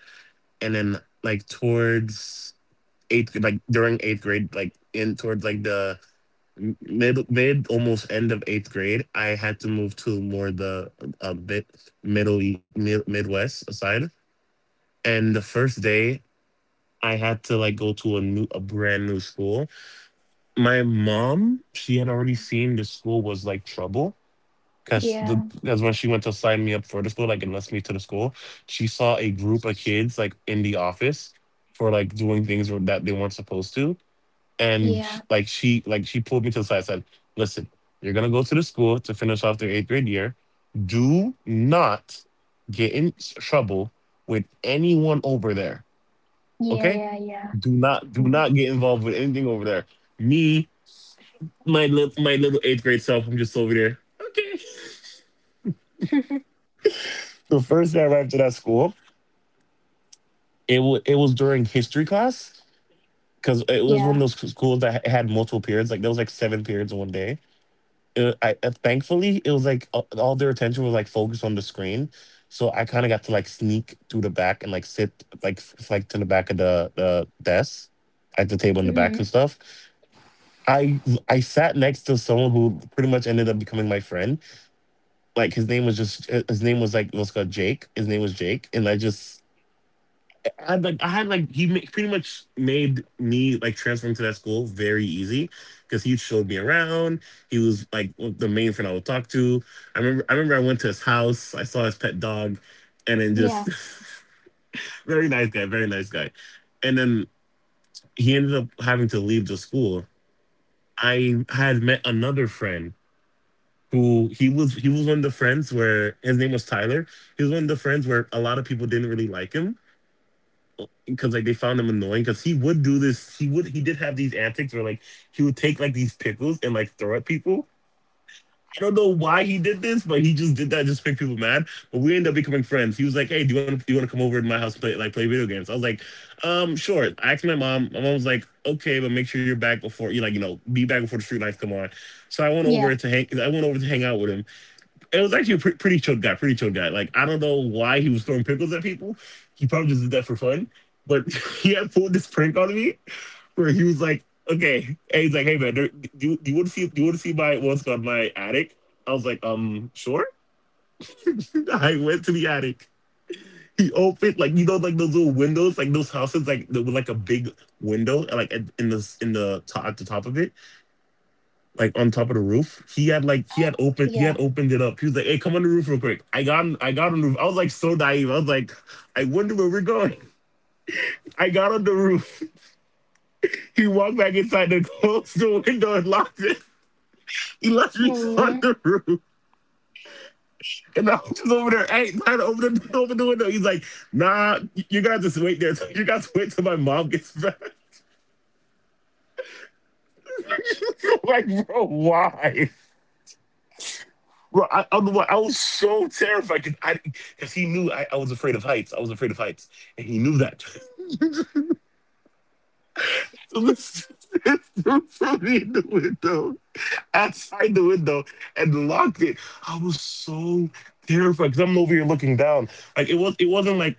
and then like towards eighth, like during eighth grade, like in towards like the m- mid mid almost end of eighth grade, I had to move to more the a bit middle e- mid, Midwest side. And the first day I had to like go to a new, a brand new school. My mom, she had already seen the school was like trouble because the Yeah, because when she went to sign me up for the school, like enlist me to the school, she saw a group of kids like in the office for like doing things that they weren't supposed to, and sh yeah, like she like she pulled me to the side and said, "Listen, you're gonna go to the school to finish off their eighth grade year. Do not get in s- trouble with anyone over there, yeah, okay?" yeah, yeah, Do not do mm. not get involved with anything over there. Me, my li- my little eighth grade self, I'm just over there. The first day I arrived to that school, it wa it was during history class because it was one yeah, of those schools that had multiple periods. Like there was like seven periods in one day. Uh, I uh, Thankfully it was like uh, all their attention was like focused on the screen, so I kind of got to like sneak through the back and like sit like f- like to the back of the the desk at the table in the back mm-hmm. and stuff. I I sat next to someone who pretty much ended up becoming my friend like his name was just uh, his name was like what's called Jake. His name was Jake, and I just I had like I had like he ma- pretty much made me like transferring to that school very easy because he showed me around. He was like the main friend I would talk to. I remember I remember I went to his house. I saw his pet dog, and then yeah, just very nice guy, very nice guy. And then he ended up having to leave the school. I had met another friend who he was he was one of the friends where his name was Tyler. He was one of the friends where a lot of people didn't really like him because like they found him annoying because he would do this. He would he did have these antics where like he would take like these pickles and like throw at people. I don't know why he did this, but he just did that just to make people mad. But we ended up becoming friends. He was like, "Hey, do you want to do you want to come over to my house and play like play video games?" I was like, "Um, sure." I asked my mom. My mom was like, "Okay, but make sure you're back before you like you know be back before the street lights come on." So I went yeah, over to hang. I went over to hang out with him it was actually a pre- pretty chill guy, pretty chill guy. Like I don't know why he was throwing pickles at people. He probably just did that for fun. But he had pulled this prank on me where he was like, "Okay," and he's like, "Hey man, there, do, you, do you want to see do you want to see my what's called my attic?" I was like, "Um, sure." I went to the attic. He opened like you know like those little windows like those houses like the, with like a big window and like in in the in the top at the top of it like on top of the roof. He had like he oh, had opened he had yeah. opened it up. He was like, "Hey, come on the roof real quick." I got on, I got on the roof. I was like so naive. I was like, "I wonder where we're going." I got on the roof. He walked back inside and closed the window and locked it. He left me on Mm, the roof. And I was just over there, hey, trying to open the, open the window. He's like, nah, you gotta just wait there. You gotta wait till my mom gets back. Like, bro, why? Bro, I, I, was- I was so terrified because I, because he knew I, I was afraid of heights. I was afraid of heights, and he knew that. So this this dude threw me in the window, outside the window, and locked it. I was so terrified because I'm over here looking down. Like it was, it wasn't like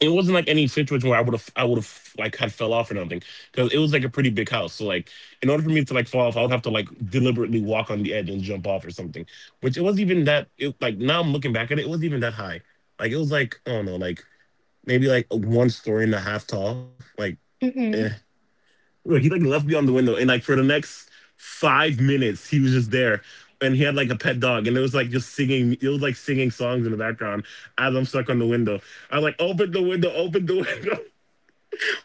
it wasn't like any situation where I would have I would have like had fell off or nothing because it was like a pretty big house. So like in order for me to like fall off, I would have to like deliberately walk on the edge and jump off or something. Which it wasn't even that. It, like now I'm looking back at it, it wasn't even that high. Like it was like I don't know, like maybe like one story and a half tall. Like eh. mm-hmm. Look, he like left me on the window and like for the next five minutes he was just there. And he had like a pet dog, and it was like just singing. It was like singing songs in the background as I'm stuck on the window. I was like, "Open the window, open the window."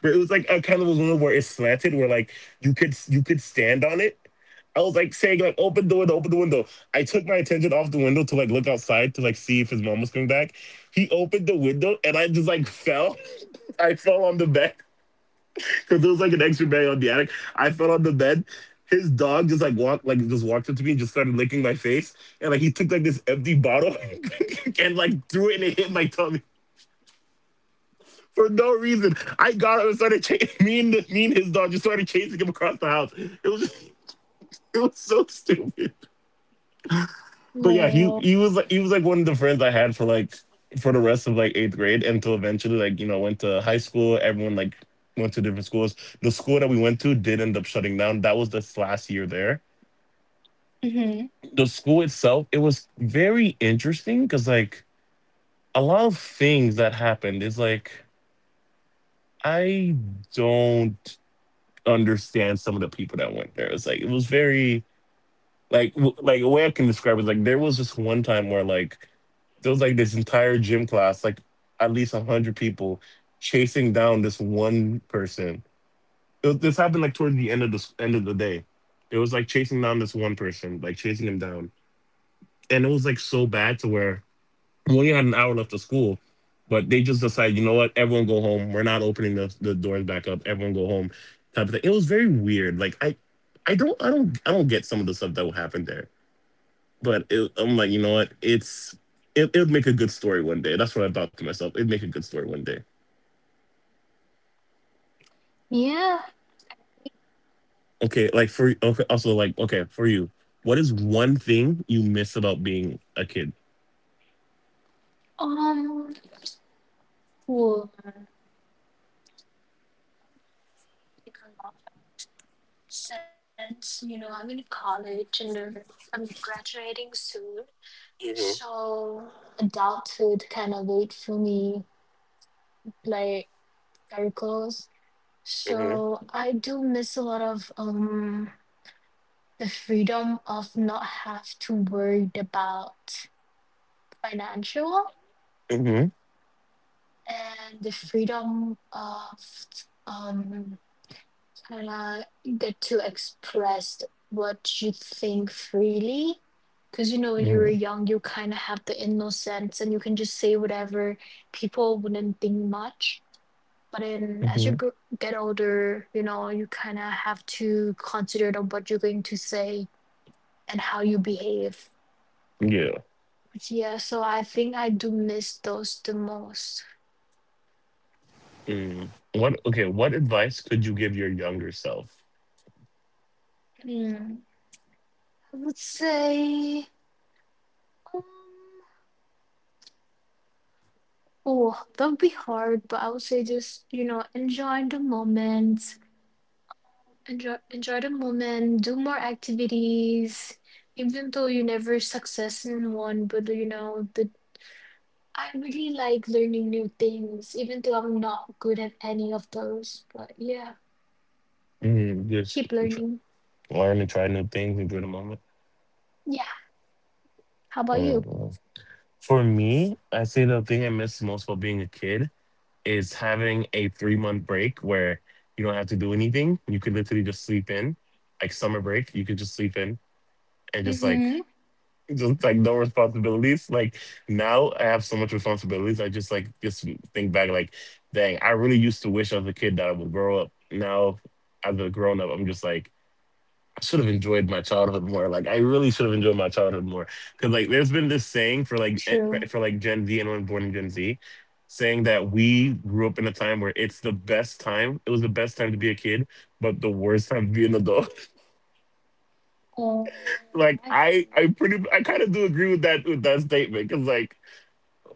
But it was like a kind of was one where it's slanted, where like you could you could stand on it. I was like saying like open the window, open the window. I took my attention off the window to like look outside to like see if his mom was coming back. He opened the window and I just like fell. I fell on the bed because there was like an extra bed on the attic. I fell on the bed. His dog just like walked like just walked up to me and just started licking my face. And like he took like this empty bottle and like threw it and it hit my tummy for no reason. I got up and started chasing me and me and his dog just started chasing him across the house. It was just, it was so stupid. But yeah, he No. he was like he was like one of the friends I had for like for the rest of like eighth grade until eventually like you know went to high school. Everyone like went to different schools. The school that we went to did end up shutting down. That was this last year there. Mm-hmm. The school itself it was very interesting because like a lot of things that happened is like I don't. understand some of the people that went there. It's like it was very like w- like a way I can describe it. is, like there was this one time where like there was like this entire gym class, like at least a hundred people chasing down this one person. It was- this happened like towards the end of the s- end of the day. It was like chasing down this one person, like chasing him down, and it was like so bad to where we only had an hour left of school, but they just decided, you know what, everyone go home. We're not opening the, the doors back up. Everyone go home, type of thing. It was very weird. Like I, I don't, I don't, I don't get some of the stuff that will happen there. But it, I'm like, you know what, it's it, it'll make a good story one day. That's what I thought to myself. It'd make a good story one day. Yeah. Okay, like for okay, also like Okay, for you, what is one thing you miss about being a kid? Um. Well, I think a lot since you know I'm in college and uh, I'm graduating soon. Mm. So adulthood kind of wait for me, like circles. Hmm. Mm. So I do miss a lot of um the freedom of not have to worry about financial Hmm. Mm. and the freedom of um and uh, get to express what you think freely. Because you know, when you were Hmm. young, you kind of have the innocence and you can just say whatever. People wouldn't think much. But then Mm. as you Hmm. gr- get older, you know, you kind of have to consider on what you're going to say and how you behave. Yeah. Yeah, so I think I do miss those the most. Mm. What okay? What advice could you give your younger self? Hmm. I would say. Um, Oh, that would be hard, but I would say just, you know, enjoy the moment, enjoy enjoy the moment, do more activities, even though you never success in one, but you know, the I really like learning new things, even though I'm not good at any of those. But yeah, Mm, just keep tr learning. learn and try new things, enjoy the moment. Yeah. How about you? Mm. For me, I say the thing I miss most about being a kid is having a three month break where you don't have to do anything. You could literally just sleep in, like summer break. You could just sleep in and just like Mm-hmm. just like no responsibilities. Like now I have so much responsibilities. I just like just think back like, dang, I really used to wish as a kid that I would grow up. Now as a grown up, I'm just like, I should have enjoyed my childhood more. Like I really should have enjoyed my childhood more. Cause like there's been this saying for like eh, for True. for, like Gen Z, anyone born in Gen Z, saying that we grew up in a time where it's the best time. It was the best time to be a kid, but the worst time to be an adult. Oh, like yeah, I I feel you. I pretty I kind of do agree with that with that statement. Cause like.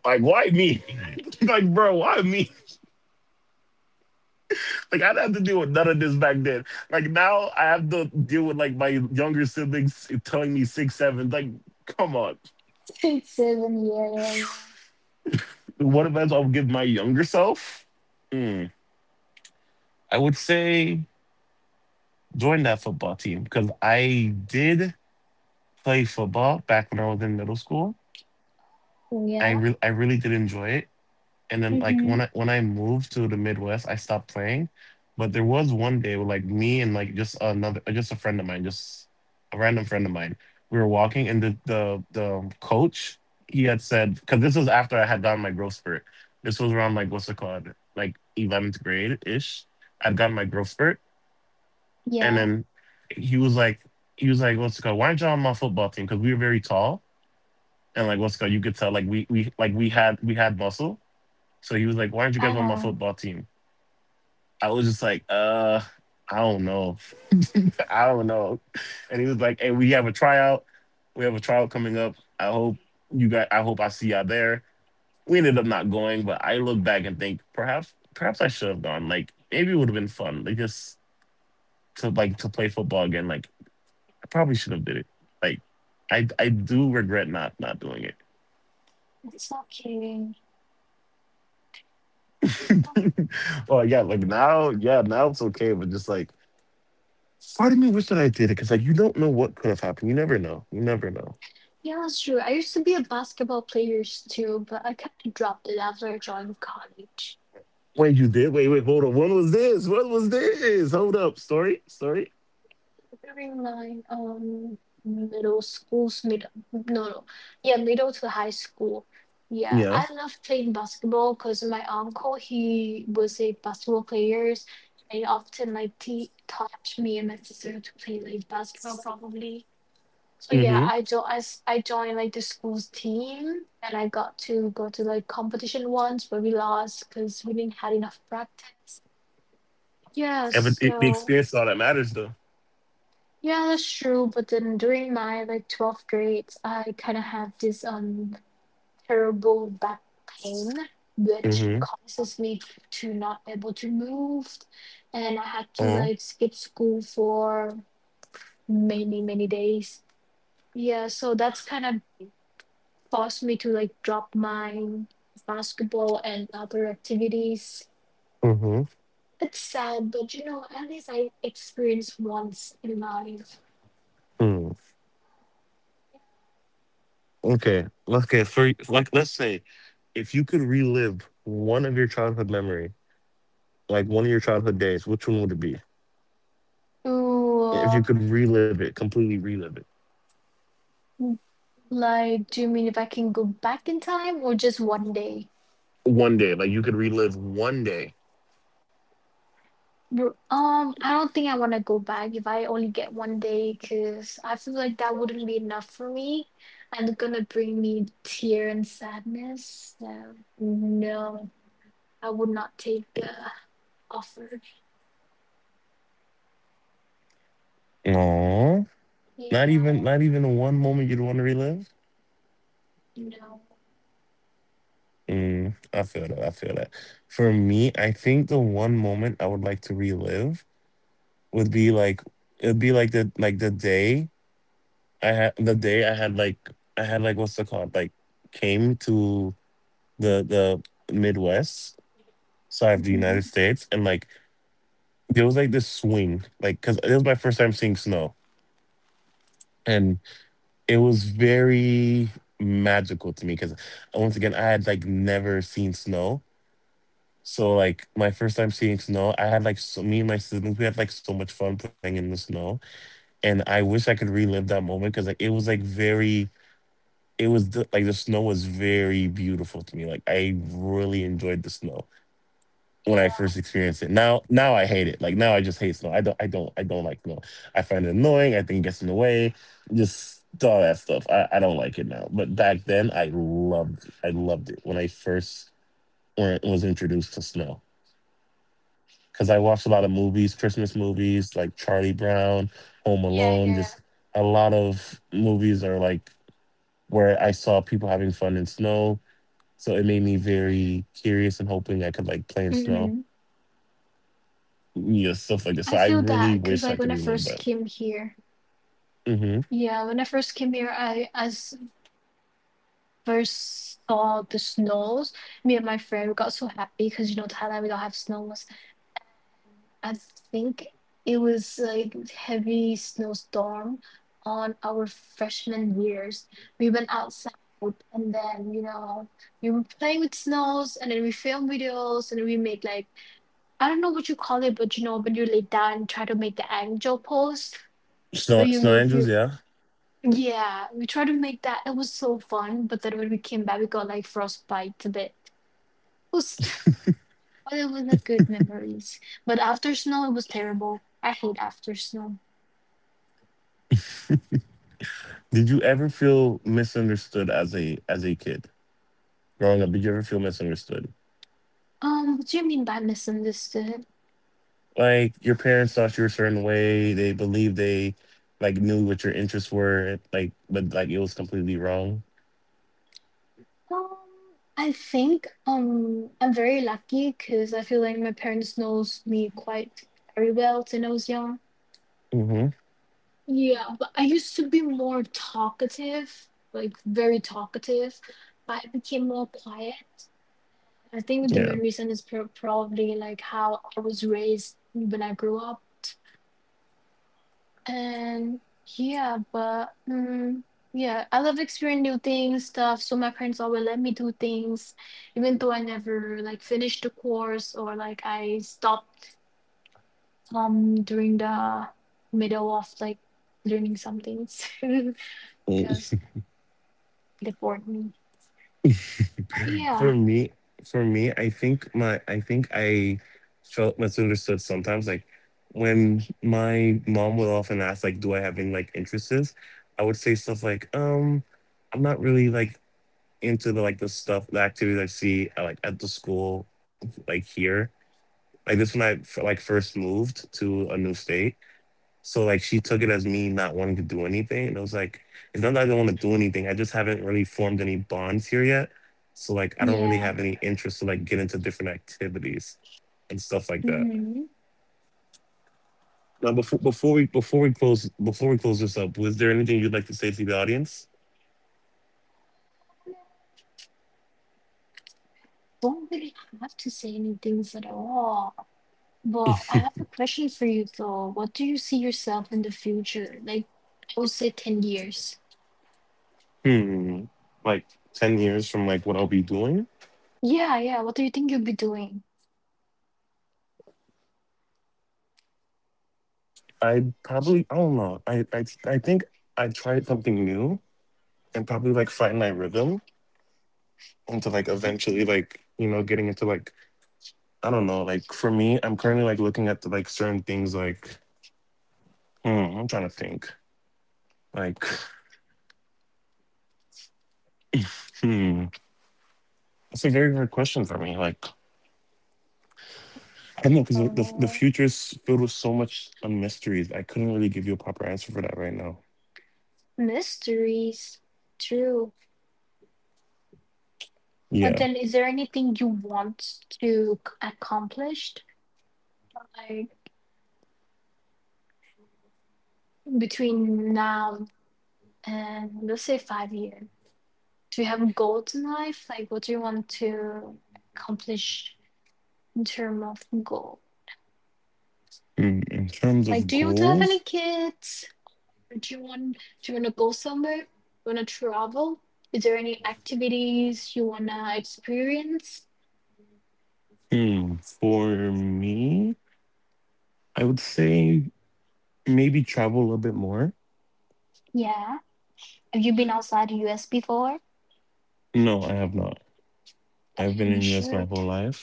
Like, why me? Like, bro, why me? Like, I didn't have to deal with none of this back then. Like, now I have to deal with like my younger siblings telling me six, seven. Like, come on. Seven, years. Yeah, yeah. What advice I would give my younger self? Hmm. I would say join that football team because I did play football back when I was in middle school. Oh, I yeah. re- I really did enjoy it, and then like when Mm-hmm. I when I moved to the Midwest, I stopped playing. But there was one day where like me and like just another uh, just a friend of mine, just a random friend of mine, we were walking and the the the coach, he had said, because this was after I had gotten my growth spurt. This was around like what's it called, like eleventh grade ish. I'd gotten my growth spurt, and Yeah. then he was like he was like what's it called? Why aren't y'all on my football team? Because we were very tall and like what's it called? You could tell like we we like we had we had muscle. So he was like, "Why aren't you guys on my Ah, football team?" I was just like, "Uh, I don't know, I don't know." And he was like, "Hey, we have a tryout. We have a tryout coming up. I hope you guys. I hope I see y'all there." We ended up not going, but I look back and think perhaps, perhaps I should have gone. Like maybe it would have been fun, like just to like to play football again. Like I probably should have did it. Like I I do regret not not doing it. it's okay. well, yeah, like now, yeah, now it's okay, but just like. Part of me wish that I did it because like you don't know what could have happened. You never know. You never know. Yeah, that's true. I used to be a basketball player too, but I kind of dropped it after I joined college. Wait, you did? Wait, wait, hold on. What was this? What was this? Hold up. Story, story. During my um middle school's mid no no yeah middle to high school. Yeah, Yeah. I loved playing basketball because my uncle he was a basketball player, and often like he taught me and my sister to play like basketball probably. So yeah, Mm-hmm. I jo- I, s- I joined like the school's team and I got to go to like competition once but we lost because we didn't had enough practice. Yeah, And but it, the so experience is all that matters, though. yeah, that's true. But then during my like twelfth grade, I kind of have this um terrible back pain which Mm-hmm. causes me t- to not able to move and I had to Uh, like skip school for many many days. Yeah, so that's kind of forced me to like drop my basketball and other activities. mm-hmm. It's sad, but you know, at least I experienced once in life. Mm. Okay. Okay. For like, let's say, if you could relive one of your childhood memory, like one of your childhood days, which one would it be? Ooh, If you uh, could relive it, completely relive it, like, do you mean if I can go back in time or just one day? one day, like you could relive one day. Bro- Um, I don't think I want to go back if I only get one day because I feel like that wouldn't be enough for me and it's gonna bring me tear and sadness. So, no, I would not take the offer. Aw. Not even Yeah. not even the one moment you'd want to relive. No. Mm, I feel that. I feel that. For me, I think the one moment I would like to relive would be like it'd be like the like the day I had the day I had like I had like what's it called, like came to the the Midwest side of the United Hmm. States, and Hmm. like there was like this swing, like because it was my first time seeing snow, and it was very magical to me because once again I had like never seen snow. So like my first time seeing snow, I had like so me and my siblings, we had like so much fun playing in the snow, and I wish I could relive that moment because like it was like very, it was the, like the snow was very beautiful to me. Like I really enjoyed the snow when I first experienced it. Now, now I hate it. Like now I just hate snow. I don't, I don't, I don't like snow. I find it annoying. I think it gets in the way. Just all that stuff. I, I don't like it now. But back then, I loved, I loved it when I first when was introduced to snow. Because I watched a lot of movies, Christmas movies like Charlie Brown, Home Alone, Yeah, just a lot of movies are like where I saw people having fun in snow. So it made me very curious and hoping I could yeah. like play in Hmm. snow. Yeah, stuff like this. So I I feel that really because, wish I like, when could I relive first that. came here, Hmm. yeah, when I first came here, I as first saw the snows. Me and my friend we got so happy because you know Thailand we don't have snows. I think it was like heavy snowstorm on our freshman years. We went outside and then you know we were playing with snows and then we filmed videos and then we made like I don't know what you call it, but you know, when you lay down and try to make the angel pose, Snow Snow where Angels, you yeah. move your yeah, we tried to make that. It was so fun, but then when we came back, we got like frostbite a bit. It was, but it was a good memories. But after snow, it was terrible. I hate after snow. Did you ever feel misunderstood as a as a kid growing up? Did you ever feel misunderstood? Um, what do you mean by misunderstood? Like your parents thought you were a certain way, they believed they like knew what your interests were like, but like it was completely wrong. Um, I think um I'm very lucky because I feel like my parents knows me quite very well since I was young. Hmm. Yeah, but I used to be more talkative, like very talkative, but I became more quiet. I think Yeah. the main reason is pro probably like how I was raised when I grew up. And yeah, but mm, yeah, I love experiencing new things, stuff. So my parents always let me do things, even though I never like finished the course or like I stopped um during the middle of like learning some things because. Mm. Deport me. But for yeah, me for me i think my i think i felt misunderstood sometimes, like when my mom would often ask like, do I have any like interests? I would say stuff like um I'm not really like into the like the stuff, the activities I see, uh, like at the school, like here. Like this when I f- like first moved to a new state. So like she took it as me not wanting to do anything, and I was like, it's not that I don't want to do anything. I just haven't really formed any bonds here yet. So like I don't really have any yeah. interest to like get into different activities and stuff like that. Hmm. Now before before we before we close before we close this up, was there anything you'd like to say to the audience? Don't really have to say any things at all. But I have a question for you though. What do you see yourself in the future? Like, I will say ten years. Hmm. Like ten years from like what I'll be doing, Yeah, yeah. What do you think you'll be doing? for me, I probably I don't know. I I I think I tried something new and probably like find my rhythm into like eventually like Mhm. you know getting into like, I don't know, like for me, I'm currently like looking at the like certain things, like hmm I'm trying to think, like hmm it's a very hard question for me, like I don't know, because the the the future Uh, is filled with so much um, mysteries. I couldn't really give you a proper answer for that right now. mysteries. True. Yeah. But then, is there anything you want to c- accomplish like, between now and let's say five years? Do you have goals in life? Like, what do you want to accomplish in terms of goal? Hmm. In terms of Like, do you want to have goals. any kids? Or do you want do you want to go somewhere? You want to travel? Is there any activities you want to experience? Hmm. For me, I would say maybe travel a little bit more. Yeah. Have you been outside the U S before? No, I have not. Uh, I've been in you U S my should. whole life.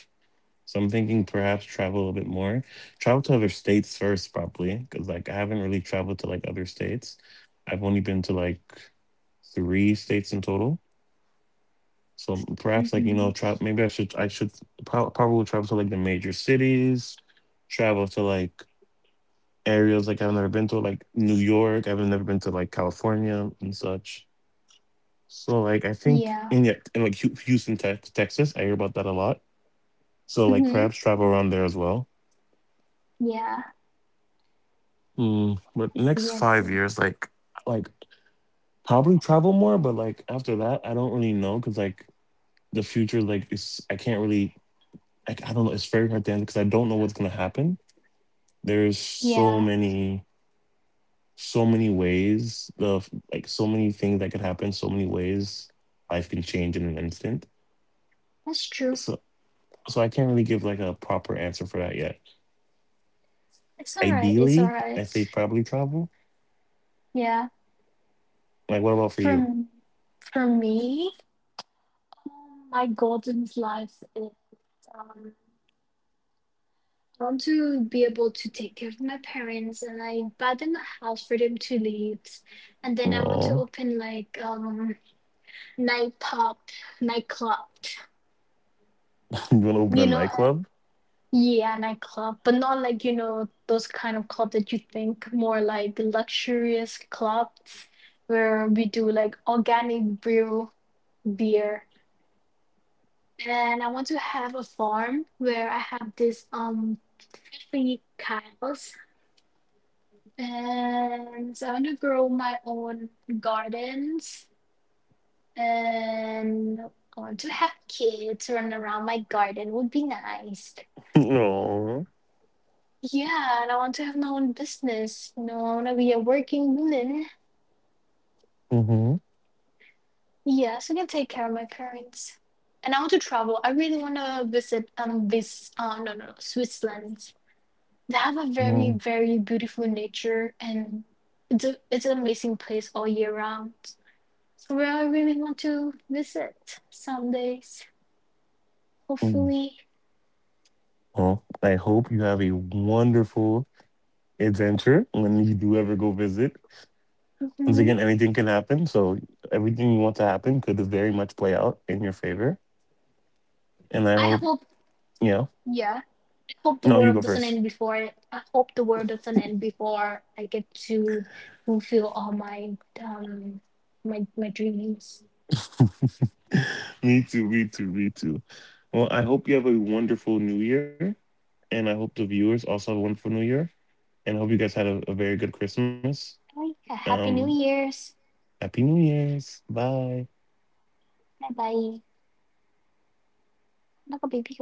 So I'm thinking perhaps travel a little bit more. Travel to other states first, probably, because like I haven't really traveled to like other states. I've only been to like three states in total. So perhaps like, you know, Hmm. travel. Maybe I should I should pro- probably travel to like the major cities. Travel to like areas like I've never been to, like New York. I've never been to like California and such. So like I think Yeah. in yeah, and like Hu- Houston, Tex Texas, I hear about that a lot. So like perhaps Hmm. travel around there as well. Yeah. Mm, but I next see. I five see. years, like, like probably travel more, but like after that, I don't really know, because like the future, like, it's I can't really, like, I don't know. It's very hard to answer because I don't know what's gonna happen. There's so Yeah. many, so many ways of like so many things that could happen, so many ways life can change in an instant. That's true. So, so I can't really give like a proper answer for that yet. It's all right. It's Ideally, all I say right. probably travel. Yeah. Like, what about for For you? m- for me, Um, my goals in life is um, I want to be able to take care of my parents, and I buy them a house for them to live, and then I want to No, open like um night pub, nightclub, you wanna open a you know, uh, nightclub? yeah, nightclub, but not like you know those kind of club that you think more like luxurious clubs where we do like organic brew beer, and I want to have a farm where I have this um fifty cows, and so I want to grow my own gardens, and I want to have kids run around my garden would be nice. No. Yeah, and I want to have my own business. You know, I want to be a working woman. Mm-hmm. Yeah, so I can take care of my parents. And I want to travel. I really want to visit um this uh no no no Switzerland. They have a Mm-hmm. very, very beautiful nature, and it's a, it's an amazing place all year round. So where I really want to visit some days, hopefully. Well, I hope you have a wonderful adventure when you do ever go visit. Once again, Hmm. anything can happen. So everything you want to happen could very much play out in your favor. And I I hope, hope, yeah. yeah. I hope the No, you go world doesn't first. end before I. I hope the world doesn't end before I get to fulfill all my um my my dreams. Me too, me too, me too. Well, I hope you have a wonderful new year. And I hope the viewers also have a wonderful new year. And I hope you guys had a, a, very good Christmas. Okay, Um, happy New Year's. Happy New Year's. Bye. Bye bye. 那个 baby